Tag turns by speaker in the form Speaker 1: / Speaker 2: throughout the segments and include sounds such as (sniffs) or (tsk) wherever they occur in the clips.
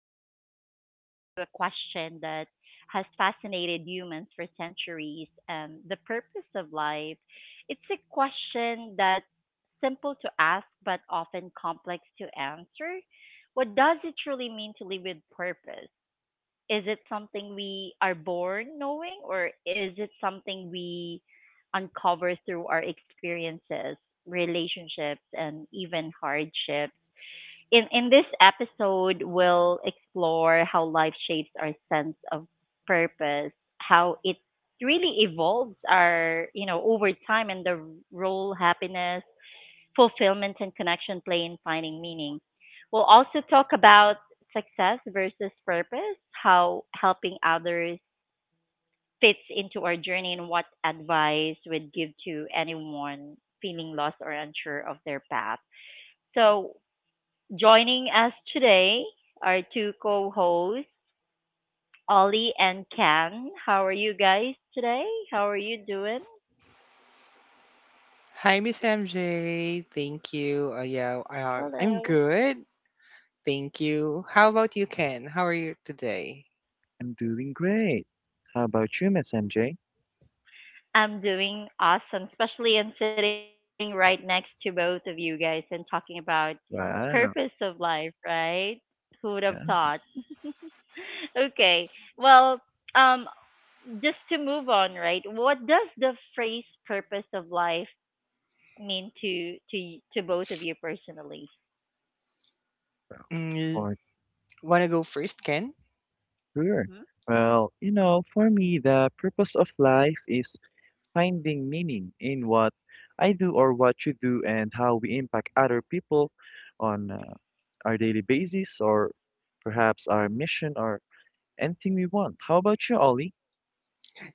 Speaker 1: Today we're diving into a question that has fascinated humans for centuries and the purpose of life. It's a question that's simple to ask but often complex to answer. What does it truly mean to live with purpose? Is it something we are born knowing or is it something we uncover through our experiences, relationships, and even hardships? In this episode, we'll explore how life shapes our sense of purpose, how it really evolves over time and the role happiness, fulfillment and connection play in finding meaning. We'll also talk about success versus purpose, how helping others fits into our journey, and what advice we'd give to anyone feeling lost or unsure of their path. So, joining us today are two co hosts, Ollie and Ken. How are you guys today? How are you doing?
Speaker 2: Hi, Miss MJ. Thank you. Yeah, I'm
Speaker 1: Hello.
Speaker 2: good. Thank you. How about you, Ken? How are you today?
Speaker 3: I'm doing great. How about you, Miss MJ?
Speaker 1: I'm doing awesome, especially I'm sitting right next to both of you guys and talking about purpose of
Speaker 3: Wow,
Speaker 1: life, right? Who would have
Speaker 3: yeah,
Speaker 1: thought? (laughs) Okay. Well, um just to move on, right? What does the phrase purpose of life mean to both of you personally?
Speaker 2: Mm,
Speaker 3: for
Speaker 2: Wanna go first, Ken?
Speaker 3: sure.
Speaker 1: Mm-hmm.
Speaker 3: Well, you know, for me, the purpose of life is finding meaning in what I do or what you do and how we impact other people on our daily basis or perhaps our mission or anything we want. How about you, Ollie?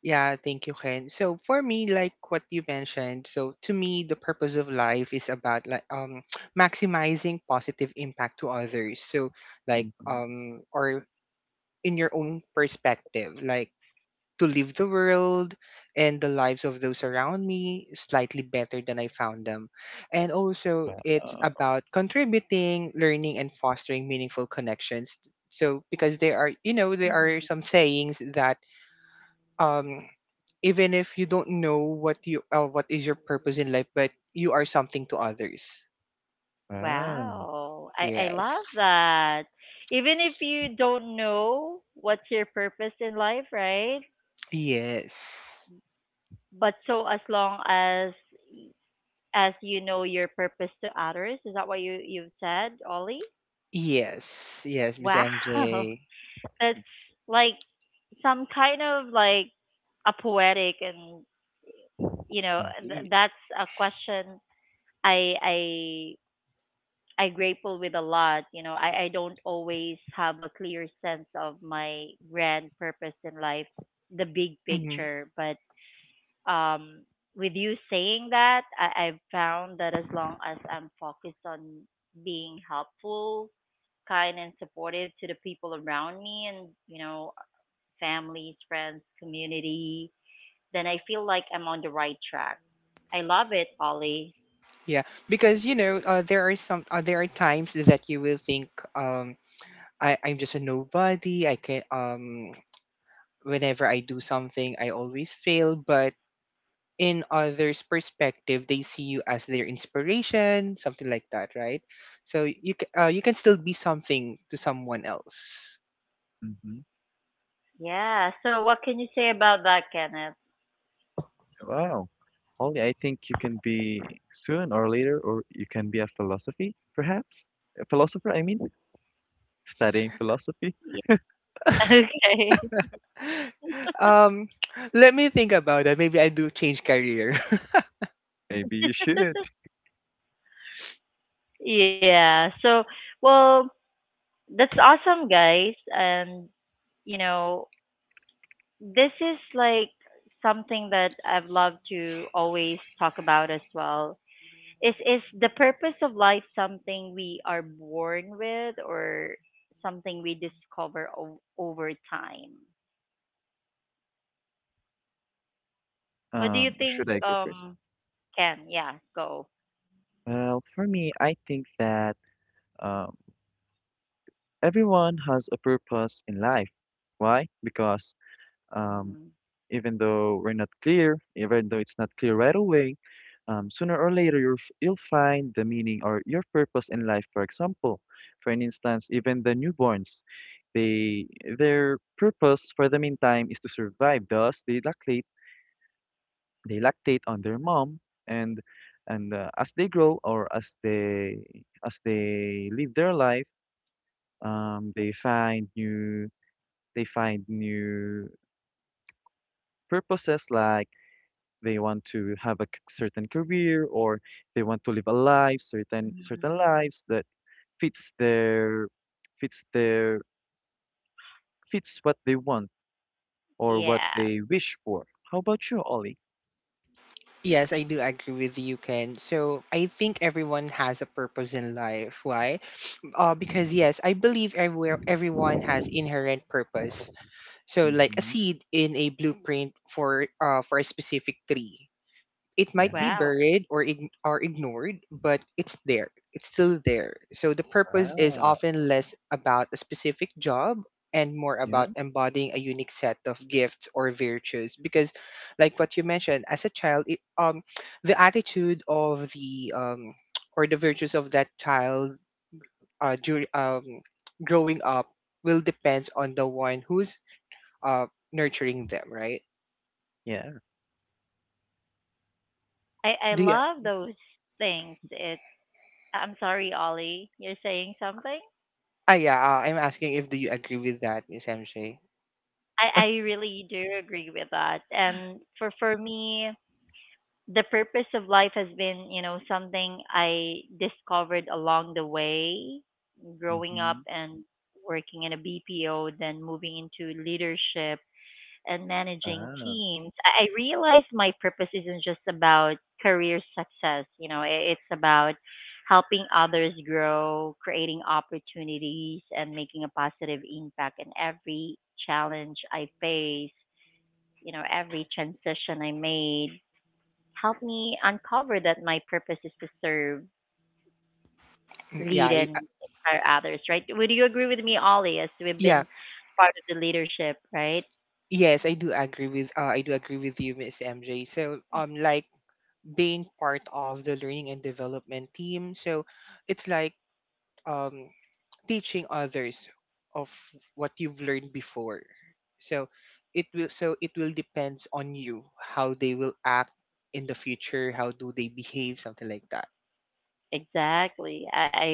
Speaker 2: Yeah, thank you, Ken. So for me, like what you mentioned, so to me, the purpose of life is about like (sniffs) (tsk) maximizing positive impact to others. So like
Speaker 3: Mm-hmm.
Speaker 2: or in your own perspective, like to live the world and the lives of those around me slightly better than I found them. And also, it's
Speaker 3: Wow,
Speaker 2: about contributing, learning, and fostering meaningful connections. So, because there are
Speaker 1: hmm
Speaker 2: some sayings that um, even if you don't know what is your purpose in life, but you are something to others.
Speaker 3: wow,
Speaker 1: Wow, I love
Speaker 2: Yes.
Speaker 1: that. Even if you don't know what's your purpose in life, right?
Speaker 2: Yes.
Speaker 1: But so as long as you know your purpose to others. Is that what you've said, Ollie?
Speaker 2: Yes. Yes, Miss
Speaker 1: Wow, (laughs)
Speaker 2: MJ.
Speaker 1: that's like some kind of like a poetic, and you know
Speaker 3: indeed.
Speaker 1: that's a question I I grapple with a lot. You know, I don't always have a clear sense of my grand purpose in life, the big picture, but um, with you saying that, I've found that as long as I'm focused on being helpful, kind, and supportive to the people around me and, you know, families, friends, community, then I feel like I'm on the right track. I love it, Ollie.
Speaker 2: Yeah, because there are some there are times that you will think, um, I'm just a nobody. I can Whenever I do something, I always fail. But in others' perspective, they see you as their inspiration, something like that, right? So you can still be something to someone else.
Speaker 1: Yeah. So, what can you say about that, Kenneth?
Speaker 3: Wow. Only I think you can be soon or later, or you can be a philosophy, perhaps. A philosopher, I mean, studying philosophy.
Speaker 1: Yeah. (laughs) Okay.
Speaker 2: (laughs) um, (tsk) Let me think about that. Maybe I do change career. (laughs)
Speaker 3: Maybe you should.
Speaker 1: Yeah. So, well, that's awesome, guys. And, you know, this is like something that I've loved to always talk about as well. Is the purpose of life something we are born with or something we discover over time? What do you think,
Speaker 3: Should I go first?
Speaker 1: Ken? Yeah, go.
Speaker 3: Well, for me, I think that um, everyone has a purpose in life. Why? Because um,
Speaker 1: Hmm
Speaker 3: even though we're not clear, even though it's not clear right away, sooner or later you'll find the meaning or your purpose in life. For example, for an instance, even the newborns, they their purpose for the meantime is to survive. Thus, they lactate on their mom, and and as they grow or as they live their life, um, they find new they find new purposes like they want to have a certain career or they want to live a life certain
Speaker 1: hmm
Speaker 3: lives that fits their fits their fits what they want or what
Speaker 1: Yeah.
Speaker 3: they wish for. How about you, Ollie?
Speaker 2: Yes, I do agree with you, Ken. So I think everyone has a purpose in life. Why? Because yes, I believe everywhere everyone has inherent purpose. So like a
Speaker 3: hmm
Speaker 2: seed in a blueprint for a specific tree, it might
Speaker 3: yeah
Speaker 2: be
Speaker 1: Wow,
Speaker 2: buried or ignored, but it's there. It's still there. So the purpose is
Speaker 3: ah
Speaker 2: often less about a specific job and more
Speaker 3: yeah
Speaker 2: about embodying a unique set of gifts or virtues, because like what you mentioned, as a child (tsk) the attitude of the (tsk) or the virtues of that child during growing up will depends on the one who's uh, nurturing them, right?
Speaker 3: yeah
Speaker 1: I
Speaker 2: Do you?
Speaker 1: love those things. It. I'm sorry, Ollie. You're saying something.
Speaker 2: Yeah. I'm asking if do you agree with that, Miss MJ?
Speaker 1: I really do agree with that. And for me, the purpose of life has been, you know, something I discovered along the way, growing up
Speaker 3: hmm
Speaker 1: and working in a BPO, then moving into leadership and managing
Speaker 3: ah
Speaker 1: teams. I realized my purpose isn't just about career success, you know, it's about helping others grow, creating opportunities, and making a positive impact in every challenge I face. You know, every transition I made helped me uncover that my purpose is to serve,
Speaker 2: Yeah,
Speaker 1: lead, and inspire others, right? Would you agree with me, Ollie, as we've
Speaker 2: yeah,
Speaker 1: been part of the leadership, right?
Speaker 2: yes, I do agree with you, Miss MJ. So, like being part of the learning and development team, so it's like um teaching others of what you've learned before, so so it will depends on you how they will act in the future, how do they behave, something like that.
Speaker 1: Exactly. I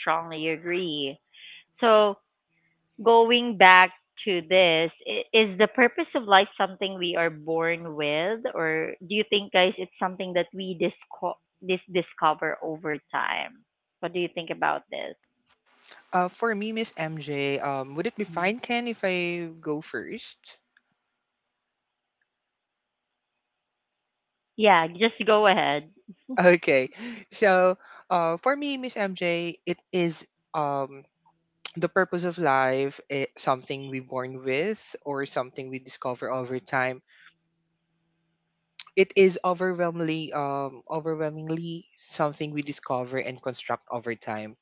Speaker 1: strongly agree. So, going back to this, is the purpose of life something we are born with, or do you think, guys, it's something that we discover over time? What do you think about this?
Speaker 2: For me, Miss MJ, would it be
Speaker 1: Mm.
Speaker 2: fine, Ken, if I go first?
Speaker 1: Yeah, just go ahead.
Speaker 2: (laughs) Okay, so for me, Miss MJ, it is um (tsk) the purpose of life is something we born with or something we discover over time. It is overwhelmingly something we discover and construct over time.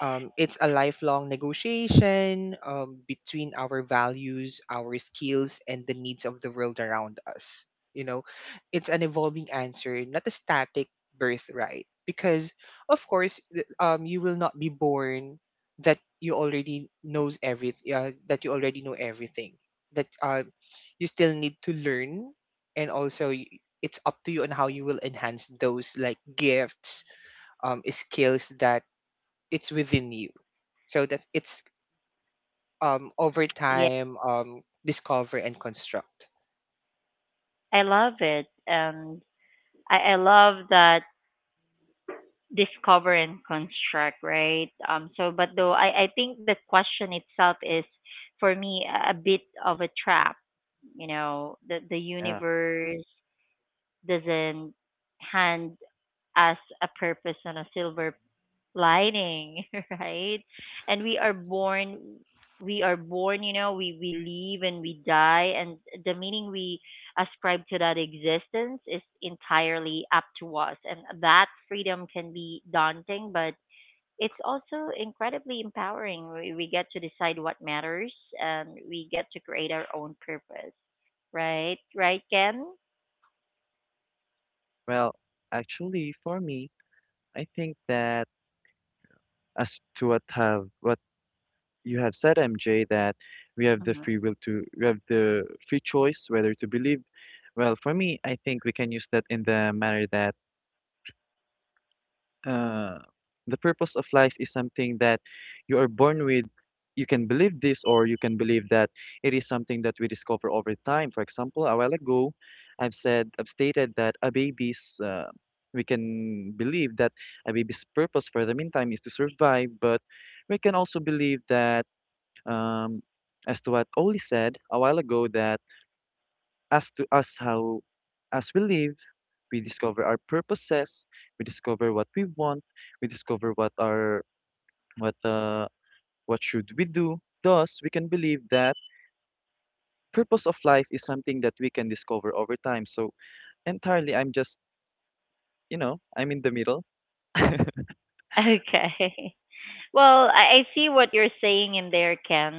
Speaker 2: It's a lifelong negotiation between our values, our skills, and the needs of the world around us. You know, it's an evolving answer, not a static birthright. Because, of course, you will not be born that you already knows everything. That you already know everything. That you still need to learn, and also it's up to you on how you will enhance those like gifts, skills that it's within you, so that it's over
Speaker 1: Yeah.
Speaker 2: time discover and construct.
Speaker 1: I love it, and I love that discover and construct, right? So, but though I think the question itself is, for me, a bit of a trap. You know, the
Speaker 3: yeah
Speaker 1: universe doesn't hand us a purpose on a silver lighting, (laughs) right? And we are born, you know, we live and we die, and the meaning we ascribe to that existence is entirely up to us. And that freedom can be daunting, but it's also incredibly empowering. We get to decide what matters and we get to create our own purpose, right? Right, Ken?
Speaker 3: well, actually, for me, I think that as to what have what you have said, MJ, that we have the
Speaker 1: Mhm.
Speaker 3: free will to, we have the free choice whether to believe. Well, for me, I think we can use that in the manner that uh, the purpose of life is something that you are born with. You can believe this, or you can believe that it is something that we discover over time. For example, a while ago, I've stated that we can believe that a baby's purpose for the meantime is to survive, but we can also believe that um, as to what Oli said a while ago that as to us how as we live, we discover our purposes, we discover what we want, we discover what our what uh what should we do. Thus, we can believe that purpose of life is something that we can discover over time. So entirely, I'm just, you know, I'm in the middle.
Speaker 1: (laughs) Okay. Well, I see what you're saying in there, Ken,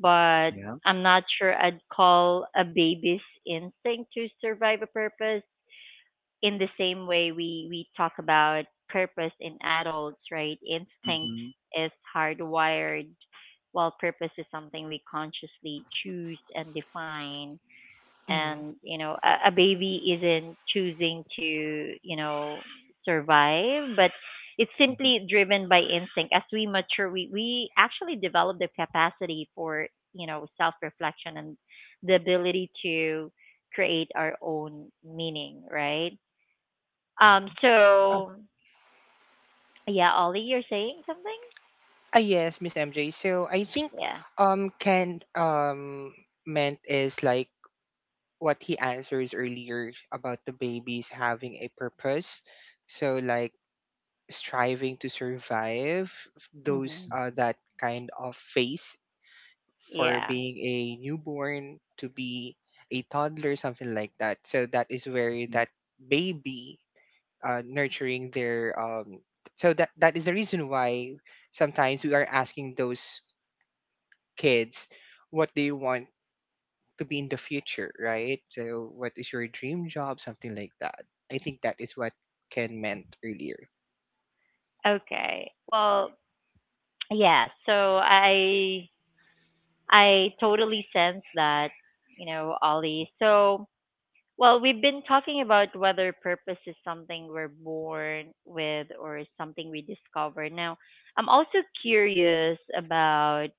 Speaker 1: but
Speaker 3: Yeah.
Speaker 1: I'm not sure I'd call a baby's instinct to survive a purpose in the same way we talk about purpose in adults, right? Instinct
Speaker 3: Mm-hmm.
Speaker 1: is hardwired, while purpose is something we consciously choose and define. And
Speaker 2: hmm
Speaker 1: you know a baby isn't choosing to, you know, survive but it's simply
Speaker 3: hmm
Speaker 1: driven by instinct. As we mature, we actually develop the capacity for, you know, self reflection and the ability to create our own meaning, right?
Speaker 3: Yeah.
Speaker 1: Um,
Speaker 2: Uh,
Speaker 1: so yeah, Ollie, you're saying something.
Speaker 2: yes, Miss MJ. So I think
Speaker 1: Yeah.
Speaker 2: Ken meant is like what he answers earlier about the babies having a purpose. So like striving to survive those
Speaker 1: hmm
Speaker 2: that kind of phase, for
Speaker 1: yeah
Speaker 2: being a newborn to be a toddler, something like that. So that is where
Speaker 3: mm,
Speaker 2: that baby nurturing their. So that is the reason why sometimes we are asking those kids, what do you want to be in the future, right? So what is your dream job, something like that. I think that is what Ken meant earlier.
Speaker 1: okay, well, yeah. So I totally sense that, you know, Ollie. So, well, we've been talking about whether purpose is something we're born with or is something we discover. Now, I'm also curious about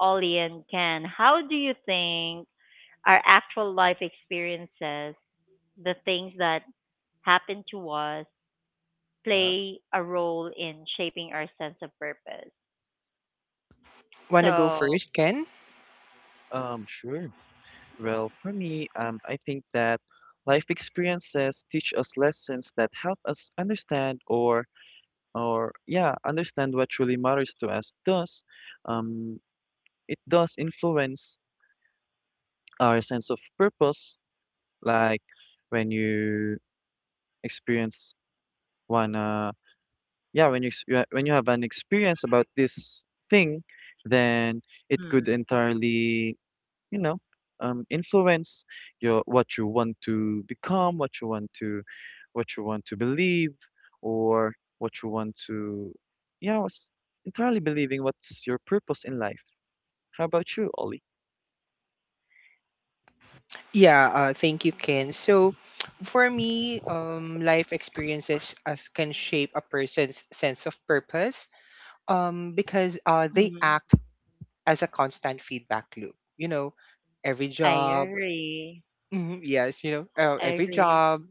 Speaker 1: Ollie and Ken. How do you think our actual life experiences, the things that happen to us,
Speaker 3: yeah.
Speaker 1: play a role in shaping our sense of purpose?
Speaker 2: Wanna go
Speaker 1: So,
Speaker 2: first, Ken?
Speaker 3: Sure. Well, for me, I think that life experiences teach us lessons that help us understand or yeah, understand what truly matters to us. Thus, um, it does influence our sense of purpose, like when you experience one yeah, when you when you have an experience about this thing, then it could
Speaker 1: mm.
Speaker 3: entirely, you know, influence your what you want to become what you want to what you want to believe or what you want to yeah was entirely believing what's your purpose in life. How about you, Ollie?
Speaker 2: Yeah, thank you, Ken. So, (tsk) for me, life experiences as can shape a person's sense of purpose, because they
Speaker 1: Mm,
Speaker 2: act as a constant feedback loop. You know, every
Speaker 1: I
Speaker 2: job,
Speaker 1: agree.
Speaker 2: mhm, yes,
Speaker 1: I
Speaker 2: every
Speaker 1: agree.
Speaker 2: job,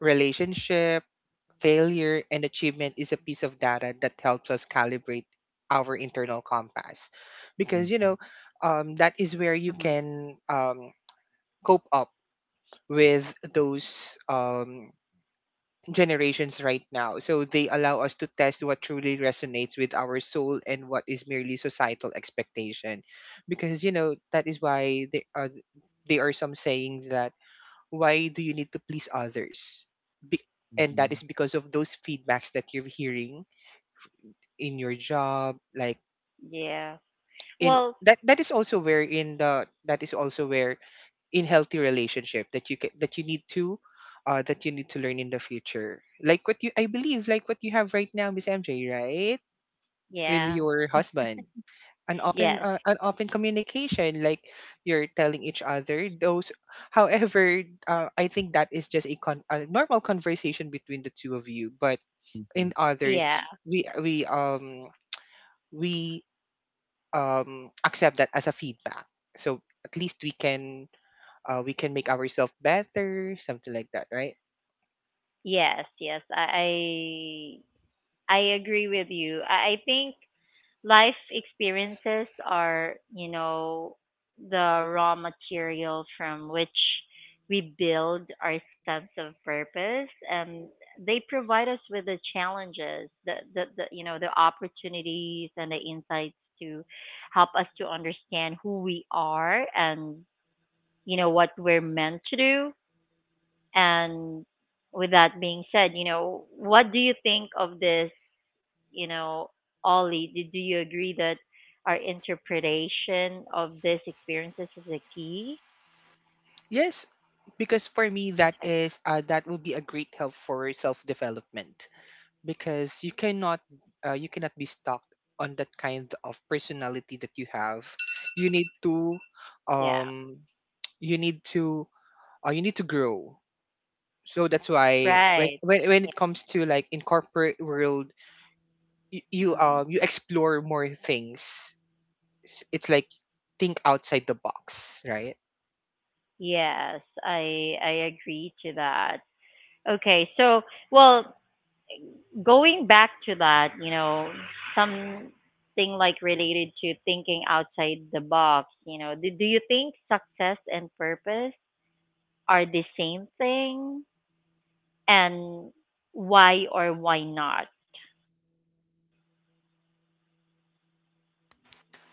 Speaker 2: relationship, failure, and achievement is a piece of data that helps us calibrate our internal compass, because
Speaker 3: hmm
Speaker 2: that is where you
Speaker 1: Hmm
Speaker 2: can cope up with those generations right now. So they allow us to test what truly resonates with our soul and what is merely societal expectation. Because, that is why they are some saying that, why do you need to please others? Be- and that
Speaker 3: hmm
Speaker 2: is because of those feedbacks that you're hearing in your job, like
Speaker 1: Yeah.
Speaker 2: in
Speaker 1: Well,
Speaker 2: that, that is also where in the that is also where in healthy relationship that you can that you need to that you need to learn in the future, like what you I believe, like what you have right now, Miss MJ, right? With
Speaker 1: yeah.
Speaker 2: your husband,
Speaker 1: Yes.
Speaker 2: an open communication, like you're telling each other those. However, I think that is just a, a normal conversation between the two of you, but
Speaker 3: hmm
Speaker 2: in
Speaker 1: Yeah.
Speaker 2: others, we accept that as a feedback, so at least we can make ourselves better, something like that, right?
Speaker 1: Yes. Yes. I agree with you. I think life experiences are, you know, the raw material from which we build our sense of purpose, and they provide us with the challenges, the, you know, the opportunities and the insights to help us to understand who we are and, you know, what we're meant to do. And with that being said, you know, what do you think of this, you know, Ollie? Do you agree that our interpretation of these experiences is a key?
Speaker 2: Yes, because for me
Speaker 1: Okay.
Speaker 2: that will be a great help for self development, because you cannot be stuck on that kind of personality that you have. You need to
Speaker 1: Yeah.
Speaker 2: um you need to you need to grow. So that's why when
Speaker 1: Right. Yeah.
Speaker 2: it comes to, like, in corporate world, you, you
Speaker 1: Mm.
Speaker 2: um you explore more things. It's like think outside the box, right?
Speaker 1: Yes, I agree to that. Okay, so well, going back to that, you know, something like related to thinking outside the box, you know, do you think success and purpose are the same thing? And why or why not?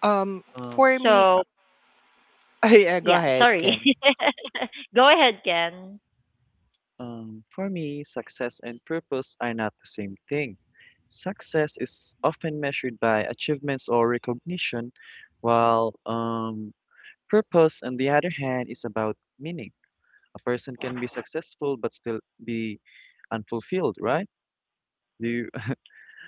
Speaker 2: Um,
Speaker 3: um,
Speaker 1: So,
Speaker 2: for me, (laughs)
Speaker 1: yeah,
Speaker 2: yeah, go
Speaker 1: sorry.
Speaker 2: ahead, Ken.
Speaker 1: (laughs) Go ahead, Ken.
Speaker 3: for me, success and purpose are not the same thing. Success is often measured by achievements or recognition, while purpose on the other hand is about meaning. A person can be successful but still be unfulfilled, right? Do you? (laughs)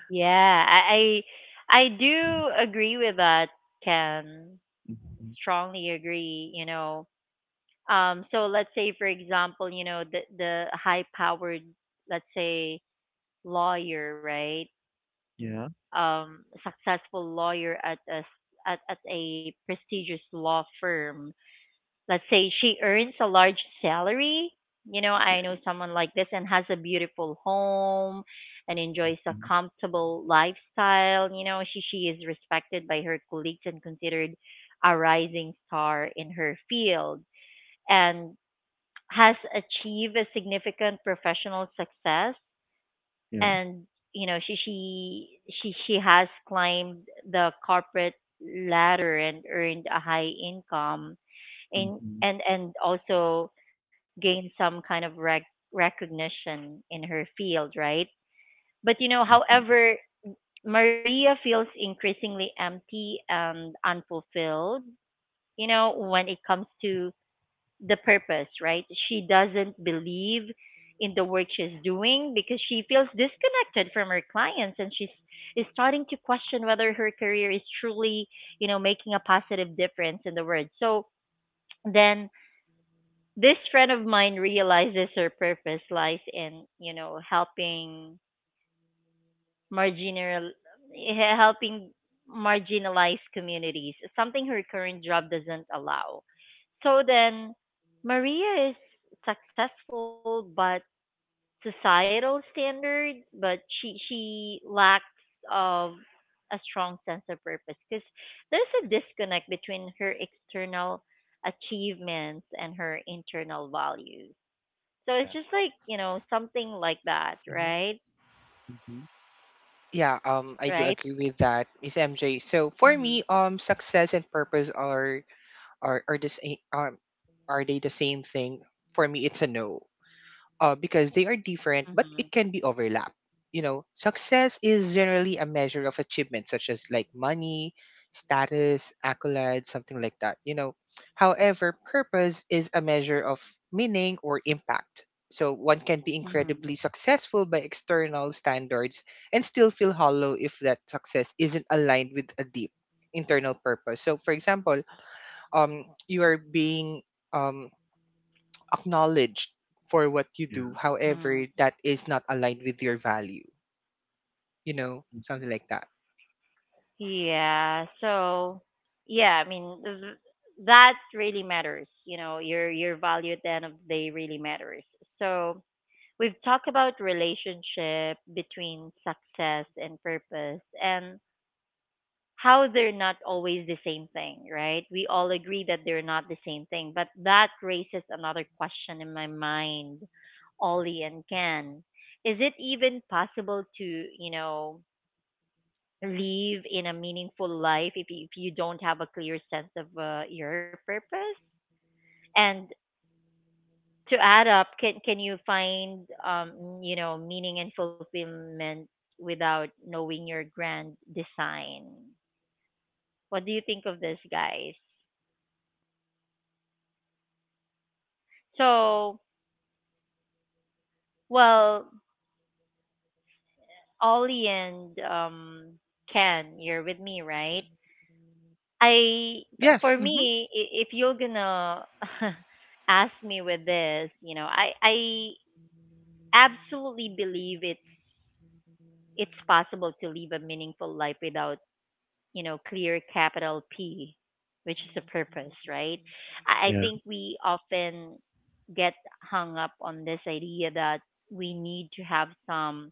Speaker 1: Yeah, I, I do agree with that, Ken.
Speaker 3: Mhm.
Speaker 1: Strongly agree, you know. So let's say, for example, you know, the high powered, let's say, lawyer, right?
Speaker 3: Yeah.
Speaker 1: Successful lawyer at at a prestigious law firm. Let's say she earns a large salary. You know,
Speaker 3: Yeah.
Speaker 1: I know someone like this and has a beautiful home and enjoys a
Speaker 3: Mhm.
Speaker 1: comfortable lifestyle. You know, she is respected by her colleagues and considered a rising star in her field and has achieved a significant professional success.
Speaker 3: Yeah.
Speaker 1: And, you know, she has climbed the corporate ladder and earned a high income, and
Speaker 3: Mm-hmm.
Speaker 1: also gained some kind of recognition in her field, right? But you know,
Speaker 3: Mm-hmm.
Speaker 1: however, Maria feels increasingly empty and unfulfilled, you know, when it comes to the purpose, right? She doesn't believe in the work she's doing because she feels disconnected from her clients and she's is starting to question whether her career is truly, you know, making a positive difference in the world. So then this friend of mine realizes her purpose lies in, you know, marginal helping marginalized communities, something her current job doesn't allow. So then, Maria is successful, but societal standards, but she lacks of a strong sense of purpose because there's a disconnect between her external achievements and her internal values. So it's
Speaker 3: Yeah.
Speaker 1: just like, you know, something like that,
Speaker 2: Mhm.
Speaker 1: right?
Speaker 3: Mm-hmm.
Speaker 2: Yeah, I do
Speaker 1: Right?
Speaker 2: agree with that, Miss MJ. So for
Speaker 1: Mm-hmm.
Speaker 2: me, success and purpose are the same. Are they the same thing? For me, it's a no. Because they are different, but it
Speaker 1: Mm-hmm.
Speaker 2: can be overlap. You know, success is generally a measure of achievement, such as like money, status, accolades, something like that. You know, however, purpose is a measure of meaning or impact. So one can be
Speaker 1: Mm-hmm.
Speaker 2: incredibly successful by external standards and still feel hollow if that success isn't aligned with a deep internal purpose. So, for example, you are being um, acknowledged for what you do.
Speaker 3: Yeah.
Speaker 1: Mm-hmm.
Speaker 2: However, that is not aligned with your value. You know,
Speaker 3: Mm-hmm.
Speaker 2: something like that.
Speaker 1: Yeah. So, yeah, I mean, that really matters. You know, your value at the end of the day really matters. So, we've talked about relationship between success and purpose and how they're not always the same thing, right? We all agree that they're not the same thing, but that raises another question in my mind, Ollie and Ken. Is it even possible to, you know, live in a meaningful life if you don't have a clear sense of your purpose? And to add up, can you find, um, you know, meaning and fulfillment without knowing your grand design? What do you think of this, guys? So, well, Ollie and, Ken, you're with me, right?
Speaker 2: Yes.
Speaker 1: For
Speaker 2: Mm-hmm.
Speaker 1: me, if you're gonna (laughs) ask me with this, you know, I absolutely believe it's possible to live a meaningful life without, you know, clear capital P, which is a purpose, right? I
Speaker 3: Yeah.
Speaker 1: think we often get hung up on this idea that we need to have some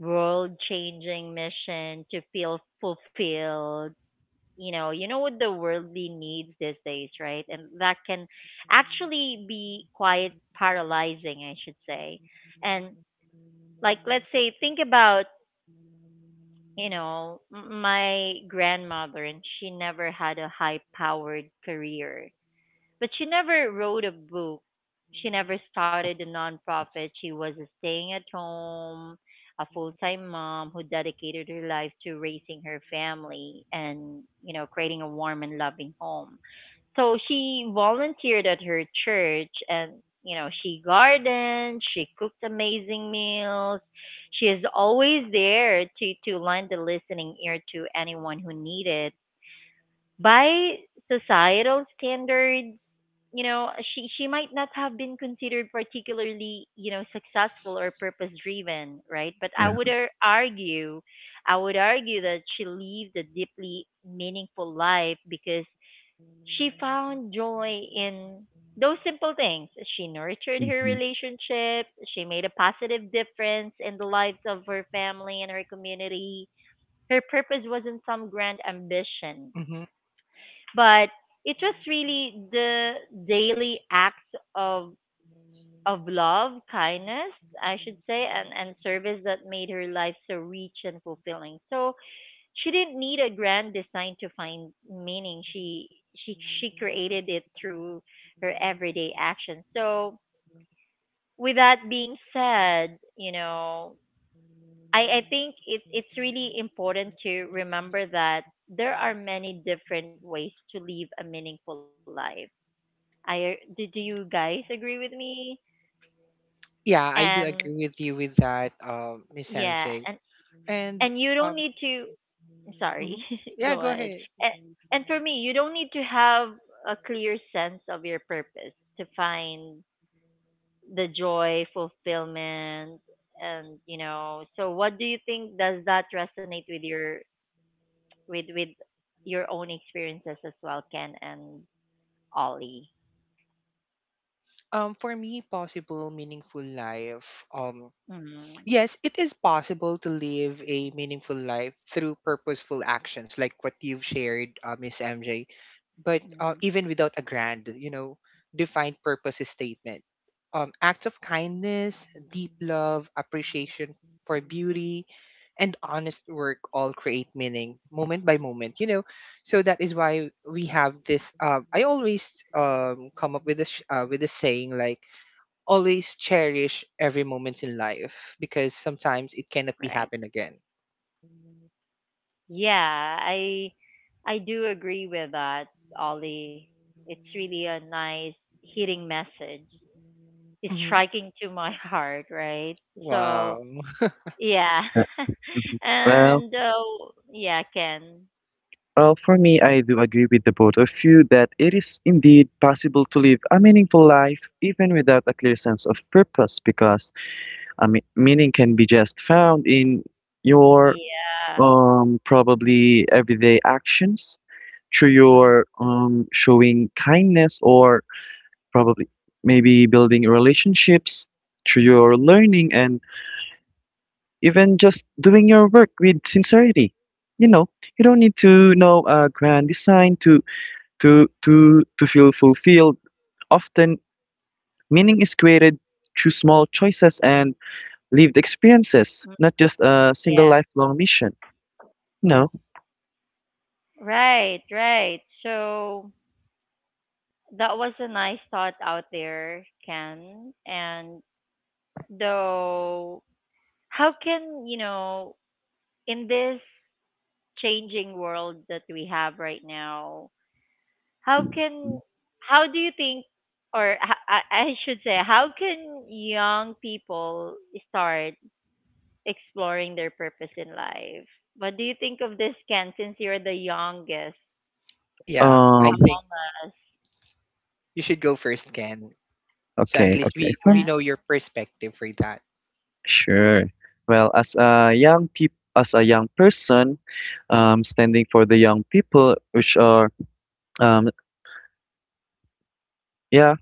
Speaker 1: world changing mission to feel fulfilled. You know what the worldly needs these days, right? And that can actually be quite paralyzing, I should say. And like let's say think about my grandmother. And she never had a high powered career, but she never wrote a book, she never started a nonprofit. She was staying at home, a full-time mom who dedicated her life to raising her family and, you know, creating a warm and loving home. So she volunteered at her church and, you know, she gardened, she cooked amazing meals, she is always there to lend a listening ear to anyone who needed. By societal standards, you know, she might not have been considered particularly, you know, successful or purpose driven, right? But
Speaker 3: Yeah.
Speaker 1: I would argue that she lived a deeply meaningful life, because she found joy in those simple things. She nurtured her
Speaker 3: Mm-hmm.
Speaker 1: relationships. She made a positive difference in the lives of her family and her community. Her purpose wasn't some grand ambition,
Speaker 2: Mm-hmm.
Speaker 1: but it was really the daily acts of love, kindness, I should say, and, service that made her life so rich and fulfilling. So she didn't need a grand design to find meaning. She created it through her everyday actions. So with that being said, you know, I think it's really important to remember that there are many different ways to live a meaningful life. I do, do you guys agree with me?
Speaker 2: Yeah,
Speaker 1: And
Speaker 2: I do agree with you with that, Miss
Speaker 1: yeah,
Speaker 2: MJ. And
Speaker 1: and you don't
Speaker 2: um,
Speaker 1: need to, sorry,
Speaker 2: mhm.
Speaker 1: (laughs)
Speaker 2: Yeah,
Speaker 1: go
Speaker 2: go
Speaker 1: ahead.
Speaker 2: ahead.
Speaker 1: And, and for me, you don't need to have a clear sense of your purpose to find the joy, fulfillment. And, you know, so what do you think? Does that resonate with your, with your own experiences as well, Ken and Ollie?
Speaker 2: For me, possible meaningful life.
Speaker 1: Mm.
Speaker 2: Yes, it is possible to live a meaningful life through purposeful actions like what you've shared, Miss MJ. But
Speaker 1: Mm.
Speaker 2: even without a grand, defined purpose statement, acts of kindness, deep love, appreciation for beauty, and honest work all create meaning moment by moment. So that is why we have this. I always come up with this with a saying like, always cherish every moment in life, because sometimes it cannot be
Speaker 1: Right.
Speaker 2: happen again.
Speaker 1: Yeah, I do agree with that, Ollie. It's really a nice hitting message, is
Speaker 2: Hmm.
Speaker 1: striking to my (laughs) heart, right? So
Speaker 2: Wow. (laughs)
Speaker 1: yeah,
Speaker 3: Uh, mhm.
Speaker 1: (laughs)
Speaker 3: Well,
Speaker 1: and yeah, Ken,
Speaker 3: well, for me, I do agree with the both of you that it is indeed possible to live a meaningful life even without a clear sense of purpose, because meaning can be just found in your
Speaker 1: yeah.
Speaker 3: probably everyday actions through
Speaker 1: Mm.
Speaker 3: your showing kindness or probably maybe building relationships through your learning and even just doing your work with sincerity. You know, you don't need to know a grand design to feel fulfilled. Often meaning is created through small choices and lived experiences,
Speaker 1: Mm.
Speaker 3: not just a single
Speaker 1: Yeah.
Speaker 3: lifelong mission, you know.
Speaker 1: Right, right. So that was a nice thought out there, Ken. And though, how can, you know, in this changing world that we have right now, how can, how do you think, or I should say, how can young people start exploring their purpose in life? What do you think of this, Ken, since you're the youngest
Speaker 2: Yeah, I
Speaker 3: um
Speaker 1: among
Speaker 2: think
Speaker 1: us?
Speaker 2: you should go first, Ken. So at
Speaker 3: Okay,
Speaker 2: least
Speaker 3: okay,
Speaker 2: we
Speaker 3: fun.
Speaker 1: Yeah,
Speaker 2: know your perspective for that.
Speaker 3: Sure. Well, as a young person, standing for the young people, which are, um, yeah,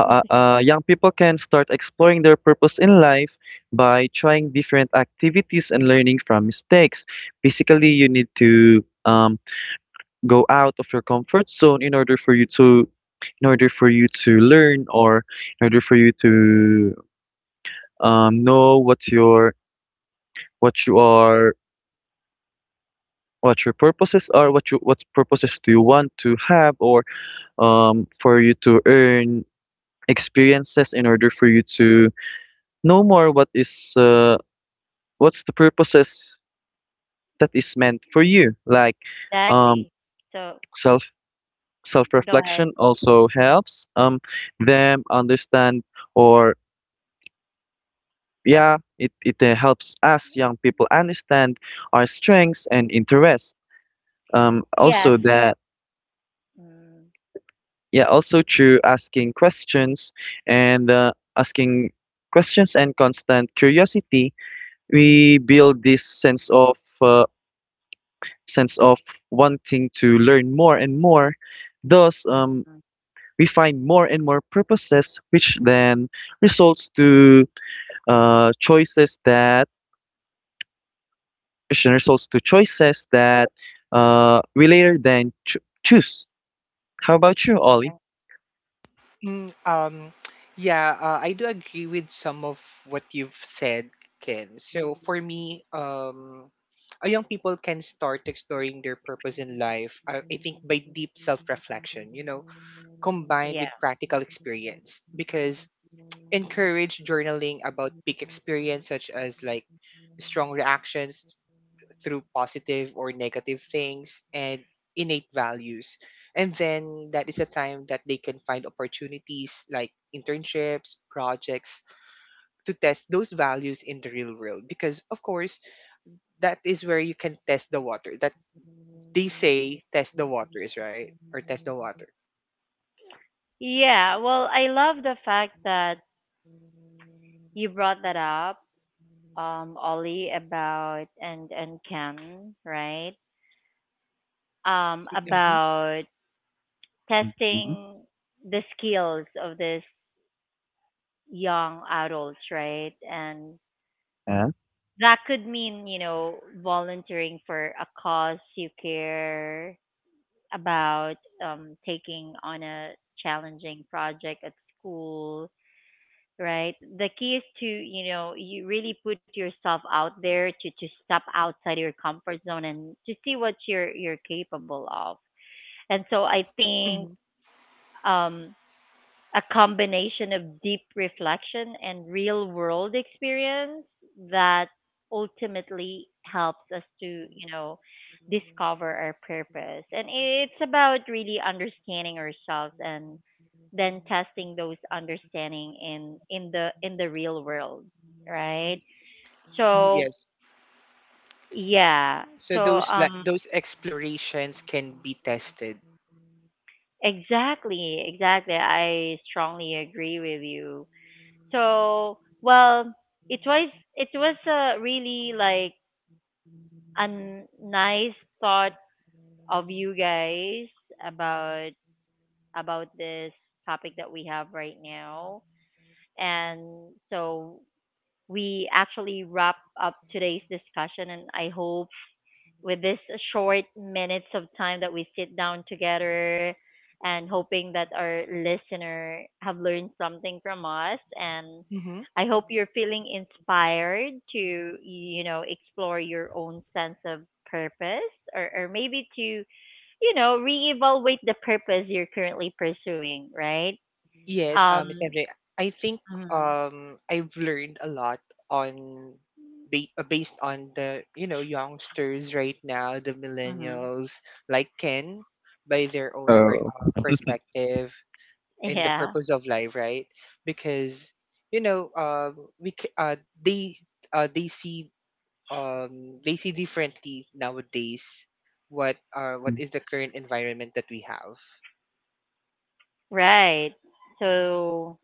Speaker 3: young people can start exploring their purpose in life by trying different activities and learning from mistakes. Basically, you need to go out of your comfort zone in order for you to in order for you to learn or in order for you to know what your what you are what your purposes are, what you what purposes do you want to have, or for you to earn experiences in order for you to know more what is what's the purposes that is meant for you. Like um
Speaker 1: exactly, so
Speaker 3: self self
Speaker 1: go ahead.
Speaker 3: reflection also helps them understand or yeah it helps us young people understand our strengths and interests. Also
Speaker 1: Yes.
Speaker 3: that
Speaker 1: Mm.
Speaker 3: yeah also through asking questions and asking questions and constant curiosity, we build this uh, sense of wanting to learn more and more. Thus,
Speaker 1: Mm,
Speaker 3: we find more and more purposes which then results to choices that which then results to choices that we later then choose. How about you, Ollie?
Speaker 2: Mm, um, yeah, I do agree with some of what you've said, Ken. So for me, young people can start exploring their purpose in life, I think, by deep self reflection, combined with
Speaker 1: yeah.
Speaker 2: practical experience. Because encourage journaling about peak experience, such as like strong reactions through positive or negative things, and innate values, and then that is a time that they can find opportunities like internships, projects, to test those values in the real world, because, of course, that is where you can test the water, that they say test the waters, right? Or test the water.
Speaker 1: Yeah, well, I love the fact that you brought that up, um, Ollie, about, and Ken, right, um,
Speaker 2: Hmm.
Speaker 1: about
Speaker 3: Mhm.
Speaker 1: testing the skills of this young adults, right? And
Speaker 3: Yeah.
Speaker 1: that could mean, you know, volunteering for a cause you care about, taking on a challenging project at school, right? The key is to, you know, you really put yourself out there to step outside your comfort zone and to see what you're capable of. And so I think,
Speaker 2: Hmm.
Speaker 1: um, a combination of deep reflection and real world experience that ultimately helps us to, you know, discover our purpose. And it's about really understanding ourselves and then testing those understanding in the real world, right? So,
Speaker 2: Yes.
Speaker 1: yeah.
Speaker 2: So
Speaker 1: So,
Speaker 2: those, like,
Speaker 1: um,
Speaker 2: those explorations can be tested.
Speaker 1: exactly, exactly. I strongly agree with you. So, well, it was, it was a really like a nice thought of you guys about about this topic that we have right now. And so we actually wrap up today's discussion. And I hope with this short minutes of time that we sit down together, and hoping that our listener have learned something from us. And
Speaker 2: Mm-hmm.
Speaker 1: I hope you're feeling inspired to, you know, explore your own sense of purpose, or maybe to you know reevaluate the purpose you're currently pursuing, right?
Speaker 2: Yes,
Speaker 1: Um.
Speaker 2: Miss MJ, I think
Speaker 1: Mhm,
Speaker 2: I've learned a lot on based on the, youngsters right now, the
Speaker 1: mhm.
Speaker 2: millennials like Ken, by their own
Speaker 3: Oh.
Speaker 2: perspective and the
Speaker 1: Yeah.
Speaker 2: purpose of life, right? Because we c- they uh they see they see differently nowadays, what is the current environment that we have.
Speaker 1: Right. So,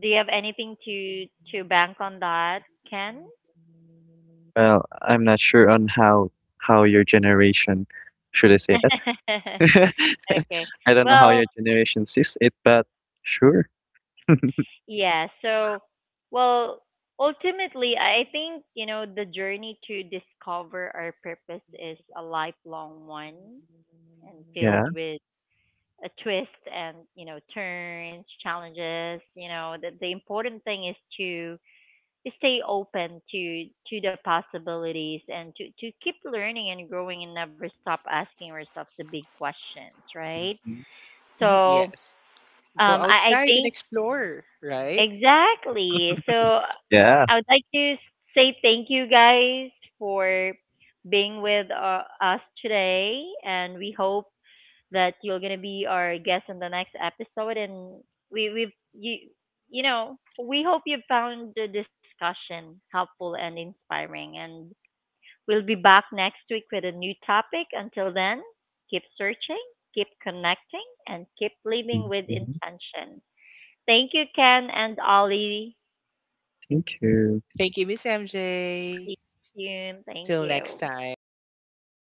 Speaker 1: do you have anything to bank on that, Ken?
Speaker 3: Well, I'm not sure on how your generation should I say that? (laughs)
Speaker 1: (laughs) Okay.
Speaker 3: I don't know how
Speaker 1: Well,
Speaker 3: your generation sees it, but sure. (laughs)
Speaker 1: yeah. So, well, ultimately, I think, you know, the journey to discover our purpose is a lifelong one and filled
Speaker 3: Yeah.
Speaker 1: with a twist and, you know, turns, challenges. You know, the important thing is to stay open to the possibilities and to keep learning and growing, and never stop asking ourselves the big questions, right?
Speaker 3: Mhm.
Speaker 2: Mhm.
Speaker 1: So
Speaker 2: Yes. Go
Speaker 1: um, I
Speaker 2: outside and
Speaker 1: think
Speaker 2: explore, right?
Speaker 1: exactly. So
Speaker 3: Yeah.
Speaker 1: I would like to say thank you guys for being with us today, and we hope that you're gonna be our guest on the next episode. And we you you know, we hope you found the discussion helpful and inspiring. And we'll be back next week with a new topic. Until then, keep searching, keep connecting, and keep living with
Speaker 3: Mhm.
Speaker 1: intention. Thank you, Ken and Ollie.
Speaker 3: Thank you.
Speaker 2: Thank you, Miss MJ.
Speaker 1: See you soon. Thank
Speaker 2: Till next
Speaker 1: you.
Speaker 2: time.